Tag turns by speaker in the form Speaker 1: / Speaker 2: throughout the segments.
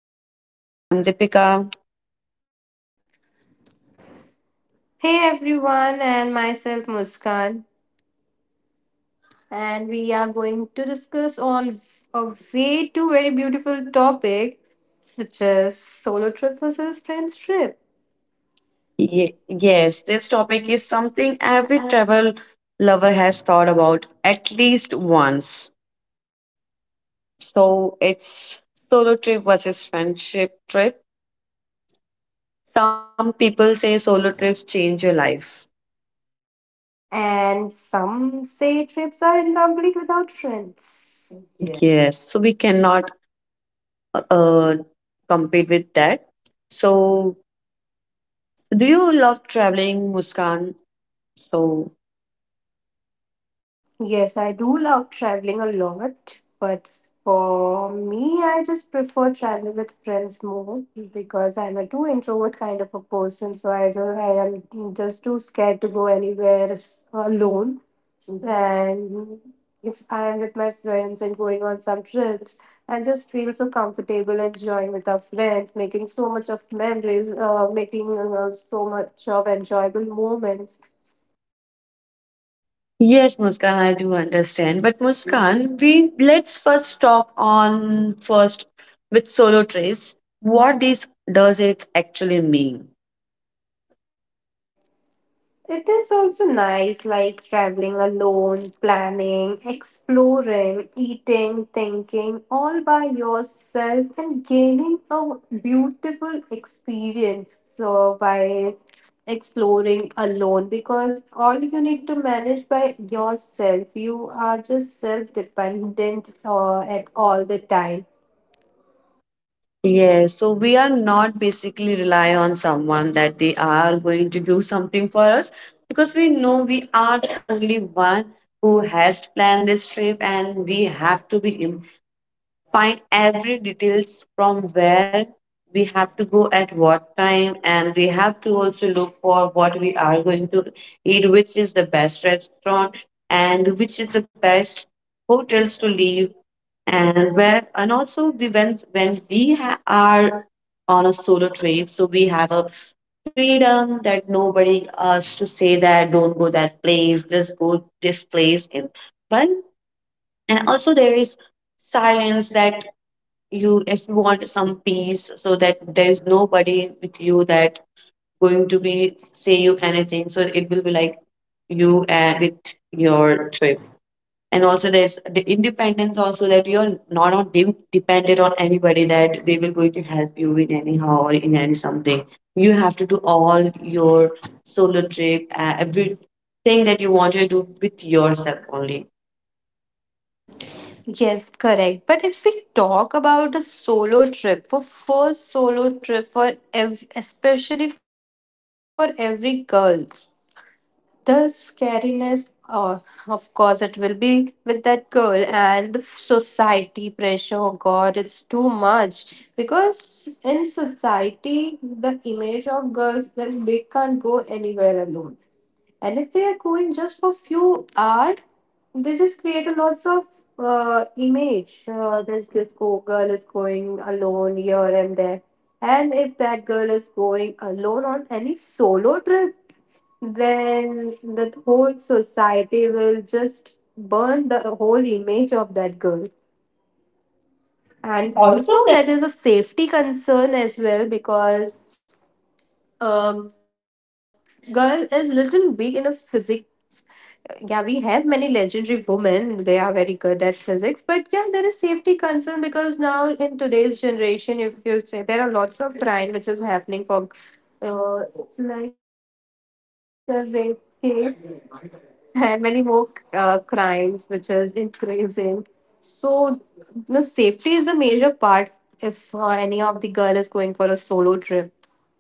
Speaker 1: podcast. I'm Deepika.
Speaker 2: Hey everyone, and myself Muskan, and we are going to discuss on a way too very beautiful topic, which is solo trip versus friends trip.
Speaker 1: Ye-
Speaker 2: Yes,
Speaker 1: yes,
Speaker 2: this
Speaker 1: this
Speaker 2: topic
Speaker 1: topic is
Speaker 2: is
Speaker 1: something
Speaker 2: something I have.
Speaker 1: every travel lover has thought about at least once. So it's solo trip versus friendship trip. Some people say solo trips change your life.
Speaker 2: And some say trips are incomplete without friends. Yeah.
Speaker 1: Yes, so we cannot uh, compete with that. So, do you love traveling, Muskan? So,
Speaker 2: Yes, I do love traveling a lot, but for me, I just prefer traveling with friends more because I'm a too introvert kind of a person. So I am just too scared to go anywhere alone. And if I'm with my friends and going on some trips, I just feel so comfortable enjoying with our friends, making so much of memories, making so much of enjoyable moments.
Speaker 1: Yes, Muskan, I do understand. But Muskan, we let's first talk on first with solo trips. What this does it actually mean?
Speaker 2: It is also nice, like traveling alone, planning, exploring, eating, thinking, all by yourself, and gaining a beautiful experience. So, by exploring alone, because all you need to manage by yourself, you are just self dependent at all the time.
Speaker 1: Yes, so we are not basically rely on someone that they are going to do something for us, because we know we are the only one who has planned this trip and we have to be find every details from where we have to go at what time, and we have to also look for what we are going to eat, which is the best restaurant and which is the best hotels to leave. And where and also we went when are on a solo trip, so we have a freedom that nobody us to say that don't go that place, just go this place. But and also there is silence, that you if you want some peace, so that there is nobody with you that going to be say you anything. So it will be like you with your trip. And also there's the independence also that you're not dependent on anybody, that they will going to help you in anyhow or in any something. You have to do all your solo trip, everything that you want to do with yourself only.
Speaker 2: Yes, correct. But if we talk about a solo trip, for first solo trip for especially for every girls, the scariness, of course, it will be with that girl and the society pressure. Oh God, it's too much because in society the image of girls that they can't go anywhere alone, and if they are going just for few hours, they just create a lots of image. This girl is going alone here and there. And if that girl is going alone on any solo trip, then the whole society will just burn the whole image of that girl.
Speaker 1: And
Speaker 2: And also, there is a safety concern as well because a girl is little weak in a physique. Yeah, we have many legendary women. They are very good at physics. But yeah, there is safety concern because now in today's generation, if you say there are lots of crime which is happening for it's like a rape case and many more crimes which is increasing. So the safety is a major part if any of the girl is going for a solo trip.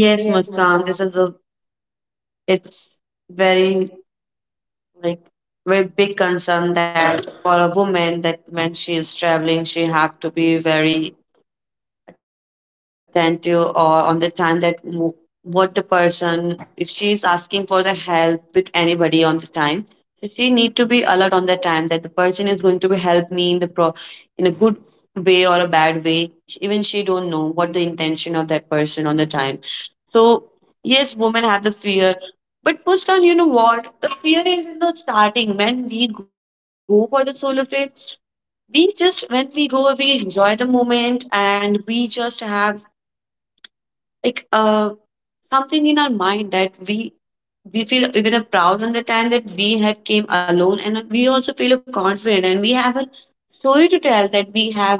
Speaker 1: Yes, Muskan, this
Speaker 2: Yes,
Speaker 1: is a
Speaker 2: Muskan.
Speaker 1: it's very, like, very big concern, that for a woman, that when she is traveling she have to be very attend to or on the time that what the person if she is asking for the help with anybody on the time, so she need to be alert on the time that the person is going to be help me in the pro in a good way or a bad way, even she don't know what the intention of that person on the time. So yes, women have the fear. But Muskan, you know what the fear is in the starting when we go for the solo trip. We just When we go we enjoy the moment, and we just have, like, something in our mind, that we feel even a proud on the time, that we have came alone, and we also feel a confident, and we have a story to tell, that we have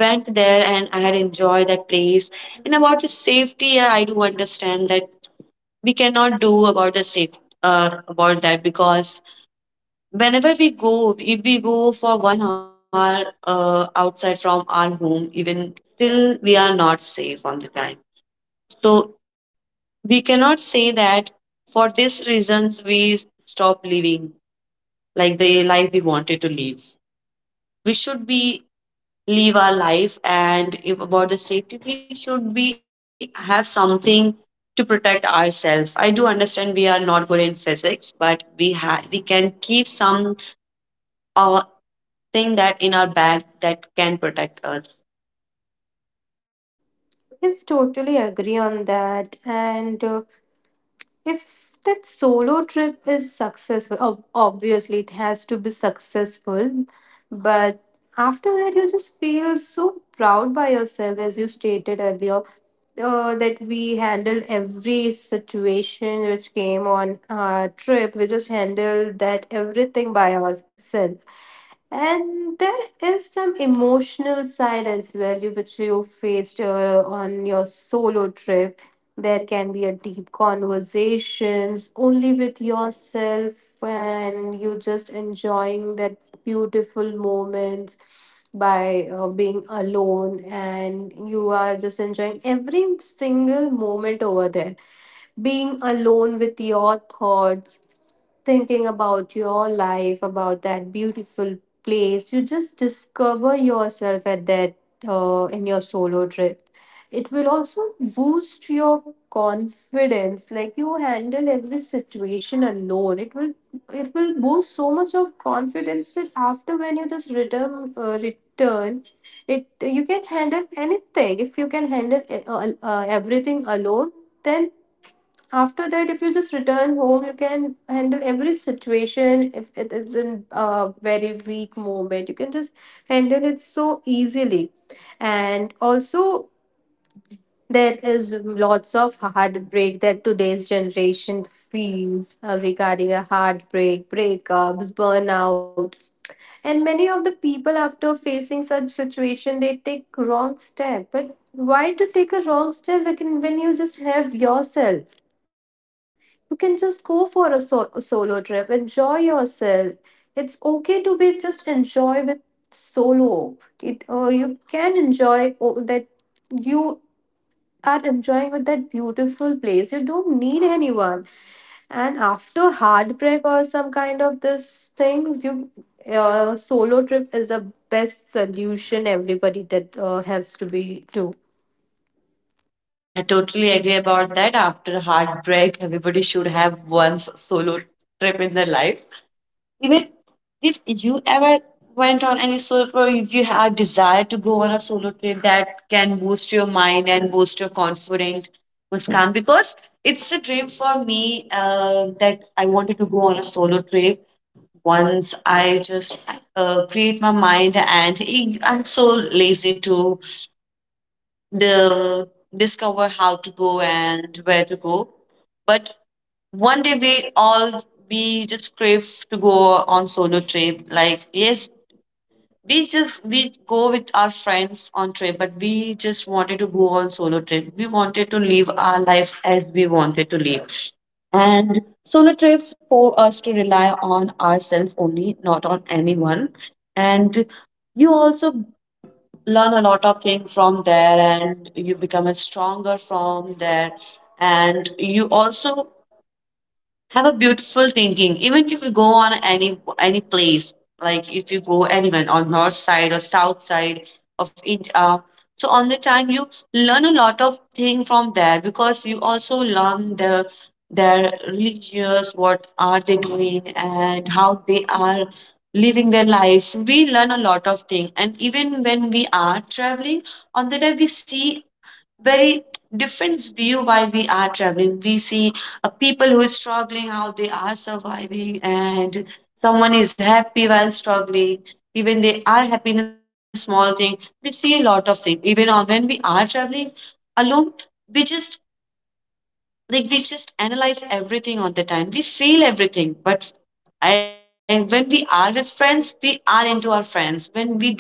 Speaker 1: went there and I had enjoyed that place. And about the safety, yeah, I do understand that we cannot do about the safe about that, because whenever we go, if we go for 1 hour outside from our home, even still we are not safe on the time. So we cannot say that for these reasons we stop living like the life we wanted to live. We should be live our life, and if about the safety, we should be have something to protect ourselves. I do understand we are not good in physics, but we can keep some uh, thing that in our bag that can protect us.
Speaker 2: Yes, totally agree on that. And if that solo trip is successful, obviously it has to be successful, but after that you just feel so proud by yourself as you stated earlier, that we handled every situation which came on our trip. We just handled that everything by ourselves, and there is some emotional side as well, which you faced on your solo trip. There can be a deep conversations only with yourself, and you just enjoying that beautiful moments by being alone, and you are just enjoying every single moment over there. Being alone with your thoughts, thinking about your life, about that beautiful place. You just discover yourself at that, in your solo trip. It will also boost your confidence. Like you handle every situation alone. It will boost so much of confidence that after when you just return return, it you can handle anything. If you can handle everything alone, then after that if you just return home you can handle every situation. If it is in a very weak moment you can just handle it so easily. And also, there is lots of heartbreak that today's generation feels, regarding a heartbreak, breakups, burnout, and many of the people after facing such situation they take wrong step. But why to take a wrong step when you just have yourself? You can just go for a, a solo trip, enjoy yourself. It's okay to be just enjoy with solo. It you can enjoy that you are enjoying with that beautiful place. You don't need anyone. And after heartbreak or some kind of this things, you solo trip is the best solution everybody that has to be do.
Speaker 1: I totally agree about that. After heartbreak, everybody should have once solo trip in their life. Even did you ever went on any solo or if you had desire to go on a solo trip that can boost your mind and boost your confidence, Muskan? Because it's a dream for me that I wanted to go on a solo trip. Once I just create my mind, and I'm so lazy to the discover how to go and where to go. But one day we just crave to go on solo trip. Like, yes, we go with our friends on trip, but we just wanted to go on solo trip. We wanted to live our life as we wanted to live. And solo trips for us to rely on ourselves only, not on anyone. And you also learn a lot of things from there, and you become a stronger from there, and you also have a beautiful thinking. Even if you go on any place, like if you go anywhere on north side or south side of India, so on the time you learn a lot of thing from there, because you also learn their religious, what are they doing and how they are living their life. We learn a lot of thing, and even when we are traveling on the day, we see very different view while we are traveling. We see a people who is struggling, how they are surviving, and someone is happy while struggling. Even they are happy in a small thing. We see a lot of things. Even when we are traveling alone, we just like, we just analyze everything all the time. We feel everything. But when we are with friends we are into our friends. When we don't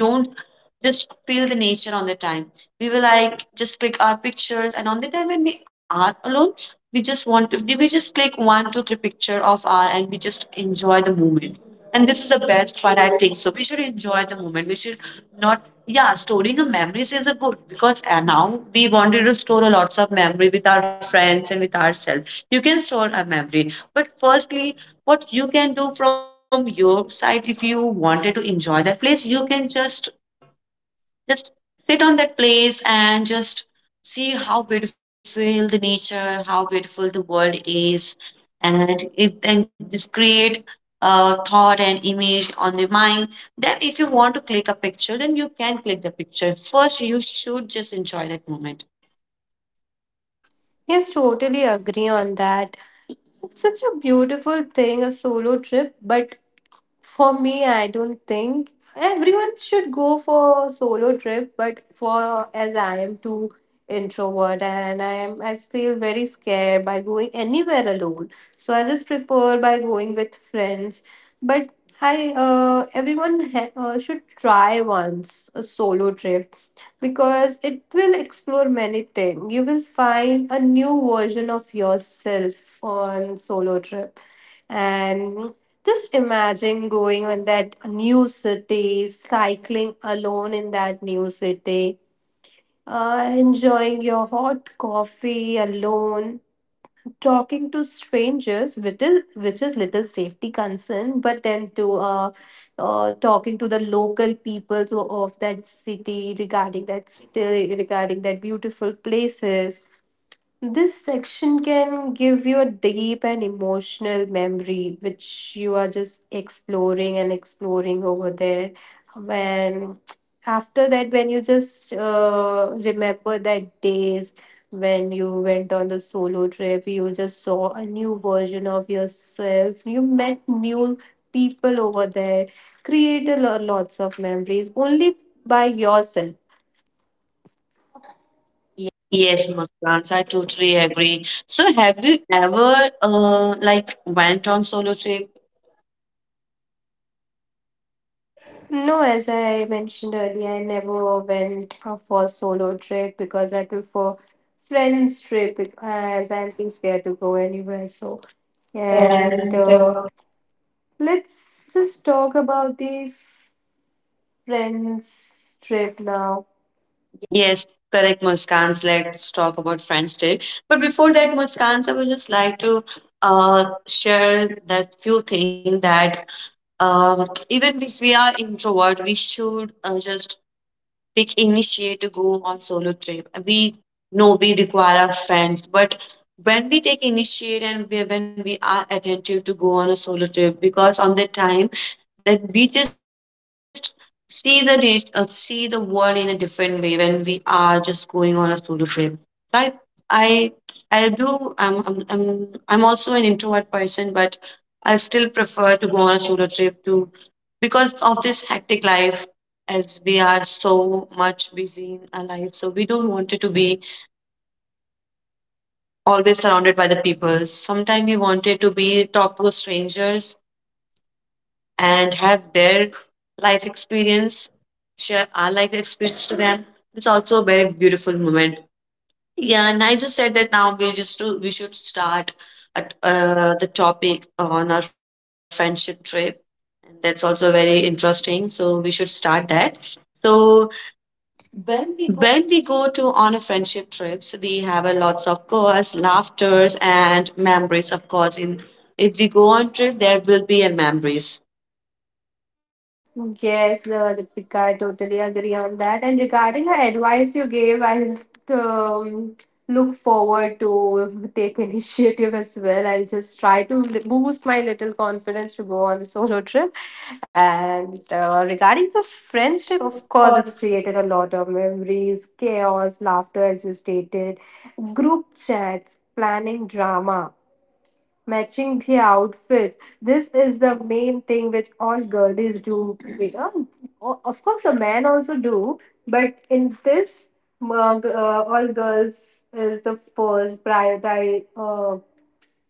Speaker 1: just feel the nature on the time, we will, like, just click our pictures. And on the time when we are alone, we just click one two three picture of our, and we just enjoy the moment. And this is the best part, I think. So we should enjoy the moment. We should not Yeah, storing the memories is a good, because now we wanted to store a lots of memory with our friends and with ourselves. You can store a memory, but firstly, what you can do from your side, if you wanted to enjoy that place, you can just sit on that place, and just see how beautiful the nature, how beautiful the world is, and it then just create a thought and image on the mind. Then, if you want to click a picture, then you can click the picture. First, you should just enjoy that moment.
Speaker 2: Yes, totally agree on that. It's such a beautiful thing, a solo trip, but for me, I don't think everyone should go for solo trip, but for as I am too introvert and I feel very scared by going anywhere alone. So I just prefer by going with friends. But I, everyone should try once a solo trip because it will explore many things. You will find a new version of yourself on solo trip. And just imagine going on that new city, cycling alone in that new city, enjoying your hot coffee alone, talking to strangers, which is little safety concern, but then to talking to the local people so of that city, regarding that city, regarding that beautiful places. This section can give you a deep and emotional memory, which you are just exploring and exploring over there. When after that, when you just remember that days when you went on the solo trip, you just saw a new version of yourself. You met new people over there. Create a lot, lots of memories only by yourself.
Speaker 1: Yes, Muskans, I totally agree. So, have you ever like, went on solo trip?
Speaker 2: No, as I mentioned earlier, I never went for solo trip because I prefer friends trip as I'm too scared to go anywhere. So, and
Speaker 1: And
Speaker 2: let's just talk about the friends trip now.
Speaker 1: Yes, correct, Muskans. Let's talk about Friends Day. But before that, Muskans, I would just like to share that few things, that even if we are introvert, we should just pick initiate to go on solo trip. We know we require our friends, but when we take initiate and when we are attentive to go on a solo trip, because on that time that we just see the world in a different way when we are just going on a solo trip. Right? I I do. I'm also an introvert person, but I still prefer to go on a solo trip to because of this hectic life, as we are so much busy in our life, so we don't want it to be always surrounded by the people. Sometimes we wanted to be talk to strangers and have their life experience, share our life experience to them. It's also a very beautiful moment. Yeah, and I just said that now we should start at the topic on our friendship trip, and that's also very interesting, so we should start that. so
Speaker 2: When we
Speaker 1: When
Speaker 2: go.
Speaker 1: we go to on a friendship trips, we have a lots of course, laughters and memories. Of course, in if we go on trip, there will be a memories.
Speaker 2: Yes, Deepika, I totally agree on that. And regarding the advice you gave, I'll um, look forward to take initiative as well. I'll just try to boost my little confidence to go on the solo trip. And regarding the friendship, of course, it's created a lot of memories, chaos, laughter, as you stated, group chats, planning drama, matching the outfits. This is the main thing which all girlies do. We- um, Of course, a man also do, but in this, all girls is the first priority.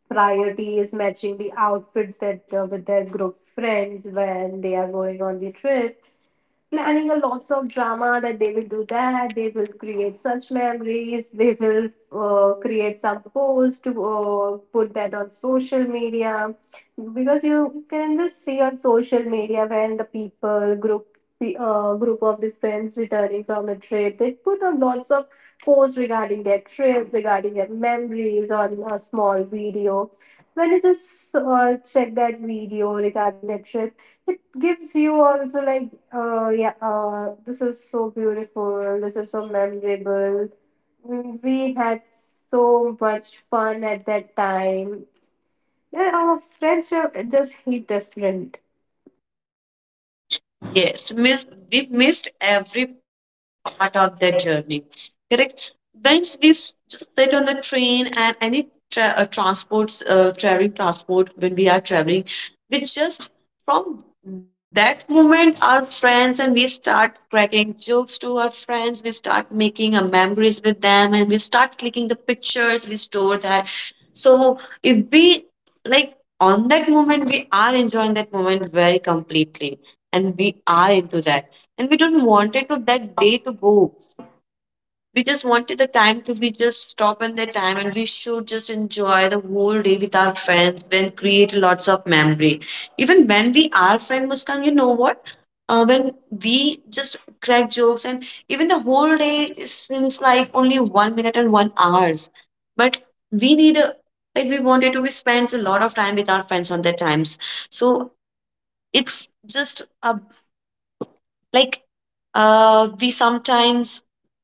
Speaker 2: Priority is matching the outfits that with their group friends when they are going on the trip, planning a lots of drama that they will do, that they will create such memories, they will create some post to put that on social media, because you can just see on social media when the people group, the group of these friends returning from the trip, they put on lots of posts regarding their trip, regarding their memories on a small video. When you just check that video regarding that trip, it gives you also like, uh, yeah, uh, this is so beautiful, this is so memorable. Mm, we had so much fun at that time. Yeah, our friendship just hit different.
Speaker 1: Yes, miss, we've missed every part of their journey. Correct. Once we just sit on the train and any transports, traveling transport, when we are traveling, we just from that moment our friends and we start cracking jokes to our friends. We start making memories with them, and we start clicking the pictures. We store that. So if we, like, on that moment, we are enjoying that moment very completely and we are into that, and we don't want it to that day to go. We just wanted the time to be just stop in the time and we should just enjoy the whole day with our friends and create lots of memory. Even when we are friend Muskan, you know what, when we just crack jokes and even the whole day seems like only 1 minute and 1 hours, but we need a, like, we wanted to, we spend a lot of time with our friends on that times. So it's just a, like, we sometimes,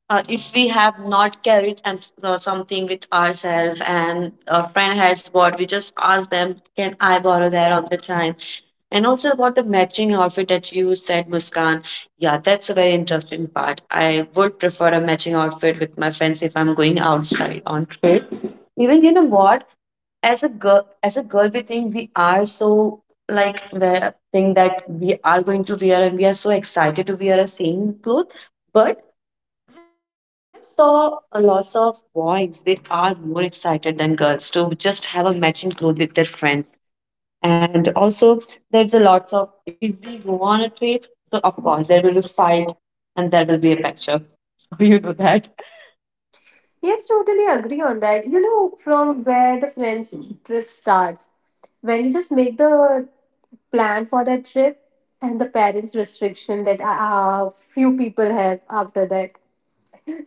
Speaker 1: if we have not carried and something with ourselves and our friend has bought, we just ask them, can I borrow that on the time? And also about the matching outfit that you said, Muskan, yeah, that's a very interesting part. I would prefer a matching outfit with my friends if I'm going outside on trip. Even you know what, as a girl, as a girl, we think we are so, like, the thing that we are going to wear, and we are so excited to wear a same clothes. But so lots of boys, they are more excited than girls to just have a matching clothes with their friends. And also, there's a lots of, if we go on a trip, so of course there will be fight, and there will be a picture. You know that.
Speaker 2: Yes, totally agree on that. You know from where the friends trip starts? When you just make the plan for that trip and the parents restriction that few people have after that.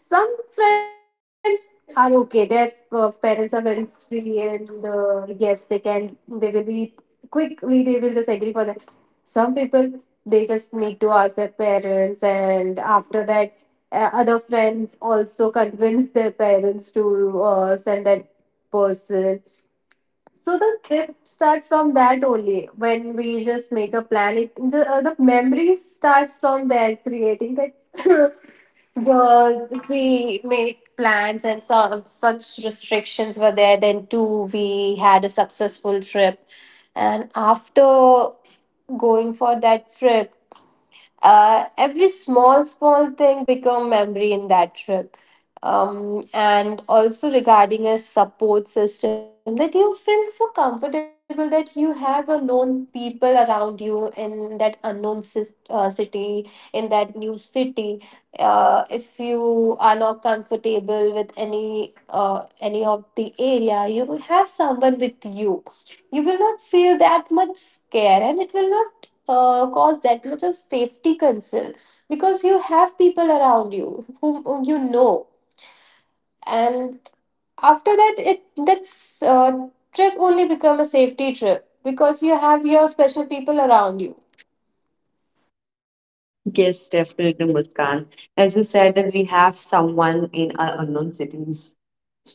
Speaker 2: Some friends are okay. Their parents are very free, and yes, they can. They will be quickly. They will just agree for them. Some people, they just need to ask their parents, and after that, other friends also convince their parents to send that person. So the trip starts from that only. When we just make a plan, it the memory starts from there, creating that. Well, we made plans and so, such restrictions were there. Then, too, we had a successful trip. And after going for that trip, every small small thing become memory in that trip. And also regarding a support system, that you feel so comfortable that you have a known people around you in that unknown city, in that new city. If you are not comfortable with any of the area, you have someone with you. You will not feel that much scare, and it will not cause that much of safety concern, because you have people around you whom you know. And after that it that, uh, trip only become a safety trip because you have your special people around you.
Speaker 1: Yes, definitely Muskan. As you said that we have someone in our unknown cities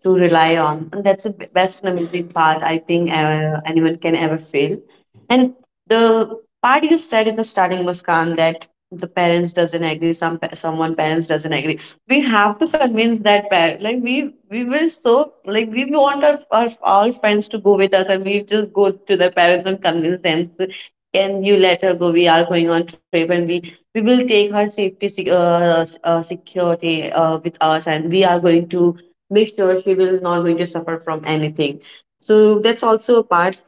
Speaker 1: to rely on, and that's the best and amazing part, I think anyone can ever feel. And the part you said in the starting, Muskan, that the parents doesn't agree, some someone parents doesn't agree, we have to convince that parent, like we were so, like, we want our all friends to go with us, and we just go to the parents and convince them, "So, can you let her go? We are going on trip and we will take her safety security with us, and we are going to make sure she will not going to suffer from anything." So that's also a part.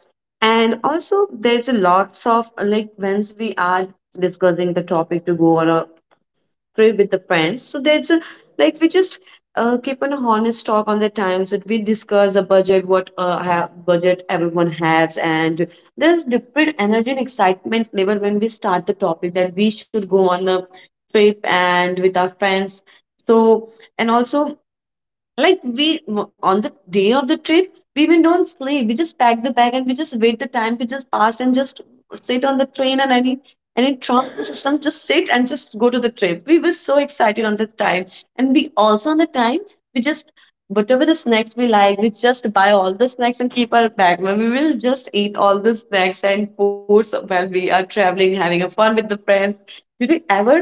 Speaker 1: And also, there's a lots of, like, once we are discussing the topic to go on a trip with the friends, so there's a, like, we just keep on a honest talk on the times that we discuss the budget, what budget everyone has. And there's different energy and excitement level when we start the topic that we should go on a trip and with our friends. So and also, like we on the day of the trip, we even don't sleep. We just pack the bag and we just wait the time to just pass and just sit on the train and any transport system, just sit and just go to the trip. We were so excited on the time, and we also on the time, we just, whatever the snacks we like, we just buy all the snacks and keep our bag, where we will just eat all the snacks and foods while we are traveling, having a fun with the friends. Did you ever?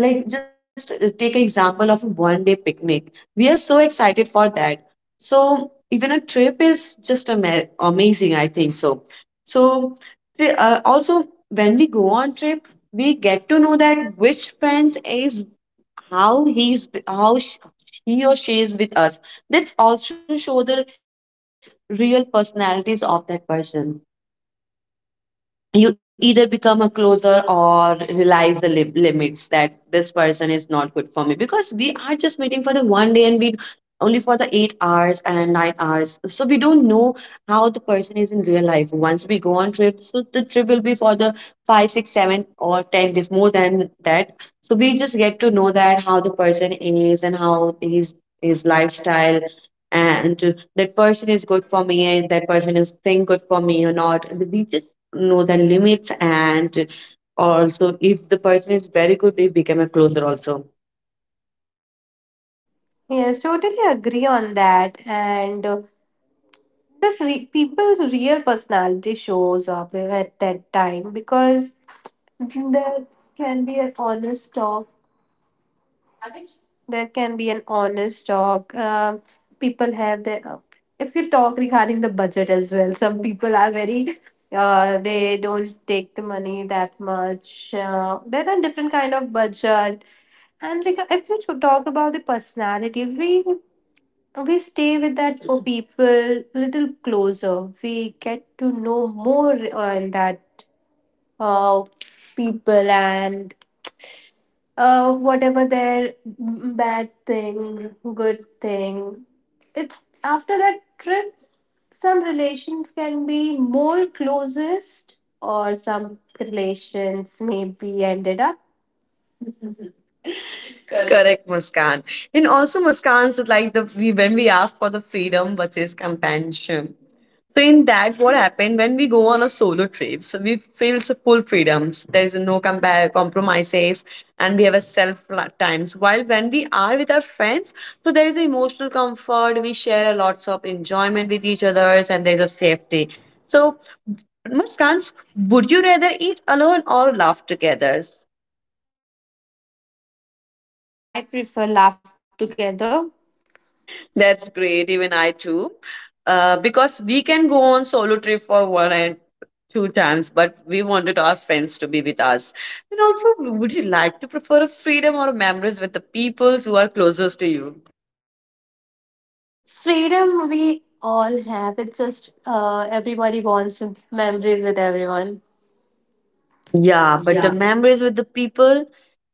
Speaker 1: Like, just take an example of a 1 day picnic, we are so excited for that. So even a trip is just amazing, I think so. So also when we go on trip, we get to know that which friends is, how he's, how he or she is with us. That's also show the real personalities of that person. You either become a closer or realize the limits that this person is not good for me, because we are just meeting for the 1 day, and we only for the 8 hours and 9 hours, so we don't know how the person is in real life. Once we go on trip, so the trip will be for the 5 6 7 or 10 days, more than that. So we just get to know that how the person is and how his lifestyle, and that person is good for me and that person is thing good for me or not. We just know their limits, and also if the person is very good, we become a closer also.
Speaker 2: Yes, totally agree on that. And the people's real personality shows up at that time, because that can be an honest talk. There can be an honest talk. People have their. If you talk regarding the budget as well, some people are very. They don't take the money that much. There are different kind of budget, and if you talk about the personality, we stay with that for people little closer. We get to know more on that, uh, people and whatever their bad thing, good thing. It after that trip, some relations can be more closest, or some relations maybe ended up. Correct.
Speaker 1: Correct, Muskan. And also, Muskan, so like the, we when we ask for the freedom versus companionship. So in that, what happened when we go on a solo trip? So we feel full freedoms. There is no compa compromises, and we have a self times. While when we are with our friends, so there is emotional comfort. We share a lots of enjoyment with each others, and there is a safety. So, Muskans, would you rather eat alone or laugh together?
Speaker 2: I prefer laugh together.
Speaker 1: That's great. Even I too. Because we can go on solo trip for one and two times, but we wanted our friends to be with us. And also, would you like to prefer a freedom or memories with the peoples who are closest to you?
Speaker 2: Freedom we all have. It's just everybody wants memories with everyone.
Speaker 1: Yeah, but the
Speaker 2: Yeah.
Speaker 1: memories with the people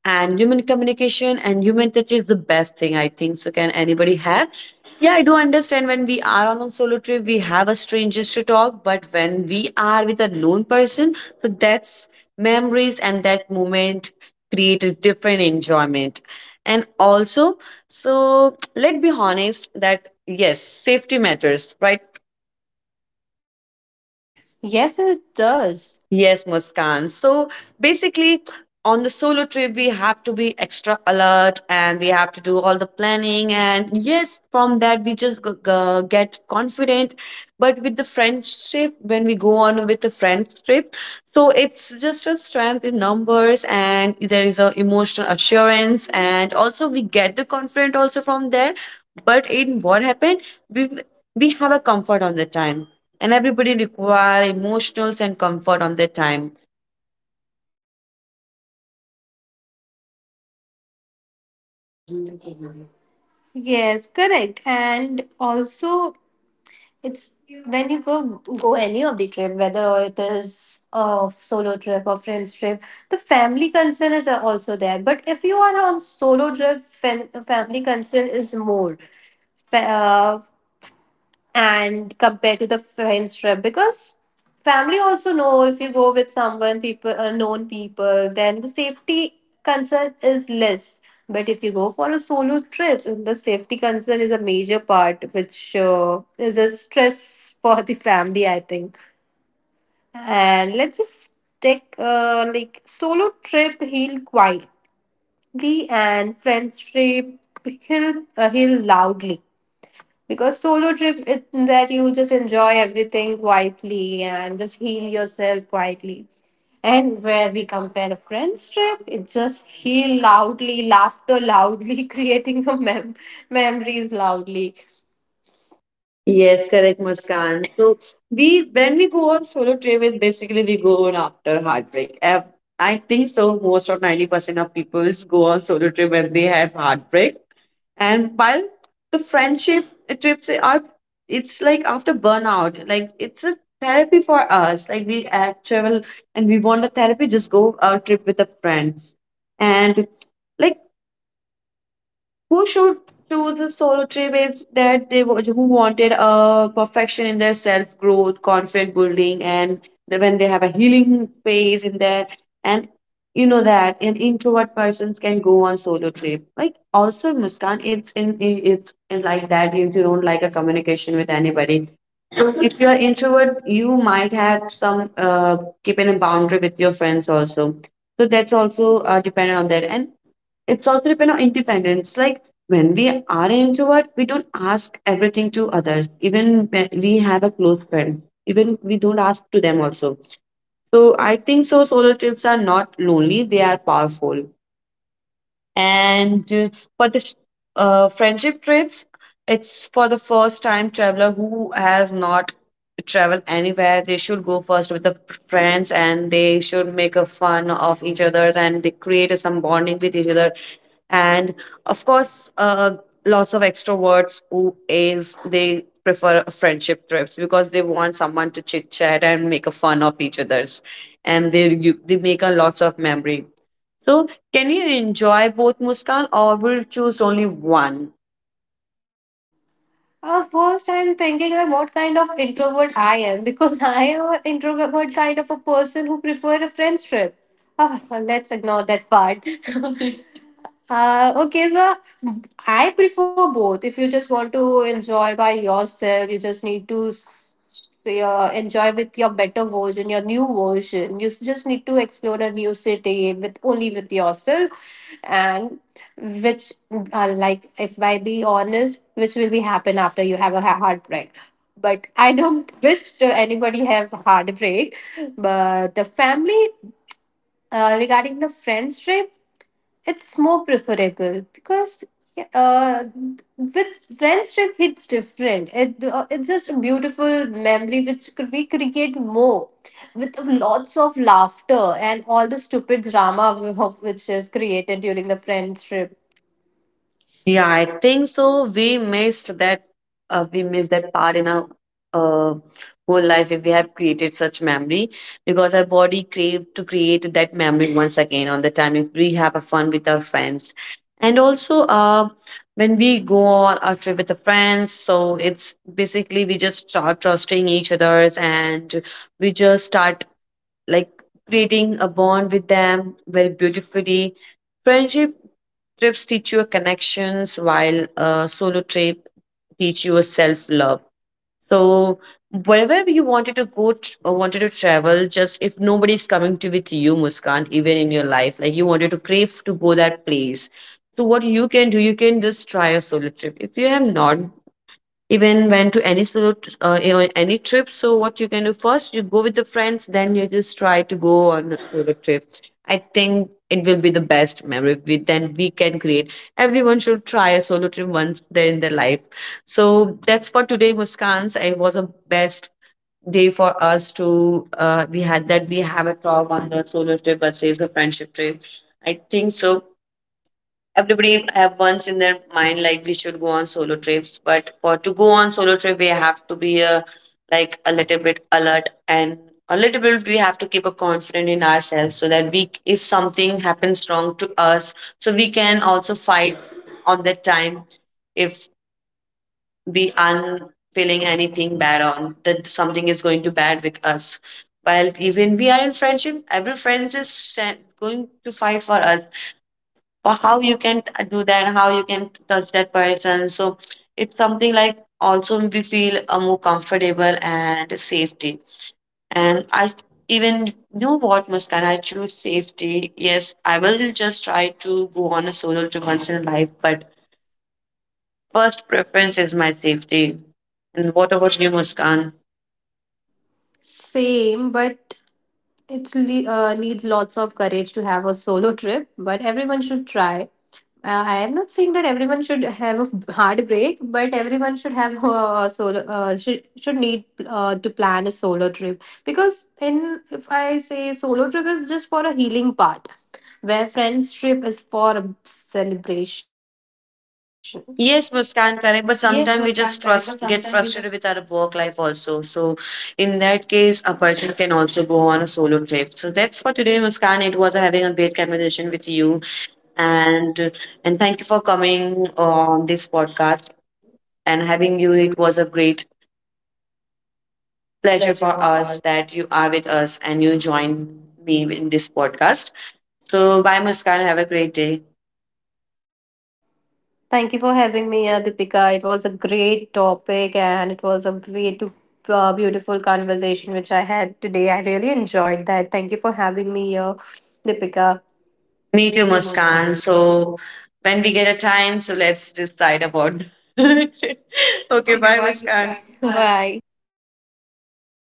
Speaker 1: and human communication and human touch is the best thing, I think. So, can anybody have? Yeah, I do understand when we are on a solo trip, we have a strangers to talk, but when we are with a known person, so that's memories and that moment create a different enjoyment. And also, so let's be honest that yes, safety matters, right?
Speaker 2: Yes, it
Speaker 1: Does.
Speaker 2: does.
Speaker 1: Yes, Muskan. So basically, on the solo trip, we have to be extra alert and we have to do all the planning. And yes, from that, we just get confident. But with the friendship, when we go on with the friends trip, so it's just a strength in numbers and there is a emotional assurance. And also, we get the confident also from there. But in what happened, we we have a comfort on the time, and everybody require emotionals and comfort on their time.
Speaker 2: Yes, correct. And also, it's when you go go any of the trip, whether it is a solo trip or friends trip, the family concern is also there. But if you are on solo trip, family concern is more. Fa- Uh, and compared to the friends trip, because family also know if you go with someone people, known people, then the safety concern is less. But if you go for a solo trip the safety concern is a major part, which is a stress for the family I think. And let's just take, like solo trip heal quietly and friends trip heal, heal loudly. Because solo trip it, that you just enjoy everything quietly and just heal yourself quietly. And where we compare a friends trip, it just heal loudly, laughter loudly, creating the memories loudly.
Speaker 1: Yes, correct, Muskan. So we, when we go on solo trip is basically we go on after heartbreak. I think so. Most of 90% of people go on solo trip when they have heartbreak. And while the friendship trips are, it's like after burnout. Like it's a therapy for us. Like we travel and we want a therapy. Just go our trip with the friends. And like, who should choose a solo trip is that they who wanted a perfection in their self growth, confident building, and the, when they have a healing phase in there. And you know that an introvert persons can go on solo trip. Like also Muskan, it's in it's in, like, that if you don't like a communication with anybody. So if you are introvert, you might have some keeping a boundary with your friends also. So that's also dependent on that. And it's also depend on independence. Like when we are an introvert, we don't ask everything to others. Even when we have a close friend, even we don't ask to them also. So I think so. Solo trips are not lonely; they are powerful. And for the friendship trips, it's for the first time traveler who has not traveled anywhere. They should go first with the friends, and they should make a fun of each other's, and they create some bonding with each other. And of course, lots of extroverts who is, they prefer friendship trips because they want someone to chit chat and make a fun of each other's, and they, you, they make a lots of memory. So, can you enjoy both, Muskan, or will you choose only one?
Speaker 2: First I'm thinking like what kind of introvert I am because I am an introvert kind of a person who prefer a friends trip. Ah, let's ignore that part. Okay, so I prefer both. If you just want to enjoy by yourself, you just need to enjoy with your better version, your new version. You just need to explore a new city with only with yourself, and which, like, if I be honest, which will be happen after you have a heartbreak. But I don't wish to anybody have heartbreak. But the family, regarding the friends trip. It's more preferable because yeah, with friendship, it's different. It, it's just a beautiful memory which we create more with lots of laughter and all the stupid drama which is created during the friendship.
Speaker 1: Yeah, I think so. We missed that. We missed that part in our uh, whole life, if we have created such memory, because our body craved to create that memory once again on the time if we have a fun with our friends. And also when we go on a trip with the friends, so it's basically we just start trusting each others, and we just start, like, creating a bond with them very beautifully. Friendship trips teach you connections, while a solo trip teach you self love. So wherever you wanted to go or wanted to travel, just if nobody's coming to with you, Muskan, even in your life, like you wanted to crave to go that place. So what you can do, you can just try a solo trip. If you have not even went to any sort, you know, any trip, so what you can do, first you go with the friends, then you just try to go on a solo trip. I think it will be the best memory. We then we can create. Everyone should try a solo trip once they're in their life. So that's for today, Muskans. It was a best day for us to, we had that, we have a talk on the solo trip versus the friendship trip. I think so, everybody have once in their mind, like, we should go on solo trips. But for to go on solo trip, we have to be a, like, a little bit alert and a little bit, we have to keep a confident in ourselves so that we, if something happens wrong to us, so we can also fight on that time, if we are feeling anything bad on that, something is going to bad with us. While even we are in friendship, every friends is going to fight for us. How you can do that, how you can touch that person? So it's something like also we feel more comfortable and safety. And I even know what, Muskan, I choose safety. Yes, I will just try to go on a solo trip once in life, but first preference is my safety. And what about you, Muskan?
Speaker 2: Same, but it needs lots of courage to have a solo trip, but everyone should try. I am not saying that everyone should have a hard break, but everyone should have a solo, should need to plan a solo trip. Because in, if I say solo trip is just for a healing part, where friends trip is for a celebration.
Speaker 1: Yes,
Speaker 2: Yes,
Speaker 1: Muskan,
Speaker 2: Muskan,
Speaker 1: correct.
Speaker 2: correct.
Speaker 1: But
Speaker 2: But
Speaker 1: sometimes we
Speaker 2: sometimes we just
Speaker 1: just frust get frustrated with our work life also. So in that case, a person can also go on a solo trip. So that's for today, Muskan. It was having a great conversation with you, and thank you for coming on this podcast and having
Speaker 2: having
Speaker 1: you.
Speaker 2: new
Speaker 1: It was a great pleasure
Speaker 2: pleasure
Speaker 1: for
Speaker 2: for
Speaker 1: us
Speaker 2: us.
Speaker 1: that you are with us and you join me in this podcast. So bye, Muskan. Have a great day.
Speaker 2: Thank you for having me here, Deepika. It was a great topic and it was a way to, beautiful conversation which I had today. I really enjoyed that. Thank you for having me here, Deepika.
Speaker 1: Me too,
Speaker 2: Me too,
Speaker 1: Muskan.
Speaker 2: Muskan.
Speaker 1: So when we get a time, so let's decide about it. Okay,
Speaker 2: Okay,
Speaker 1: bye,
Speaker 2: bye,
Speaker 1: Muskan.
Speaker 2: Muskan.
Speaker 1: Bye.
Speaker 2: Bye.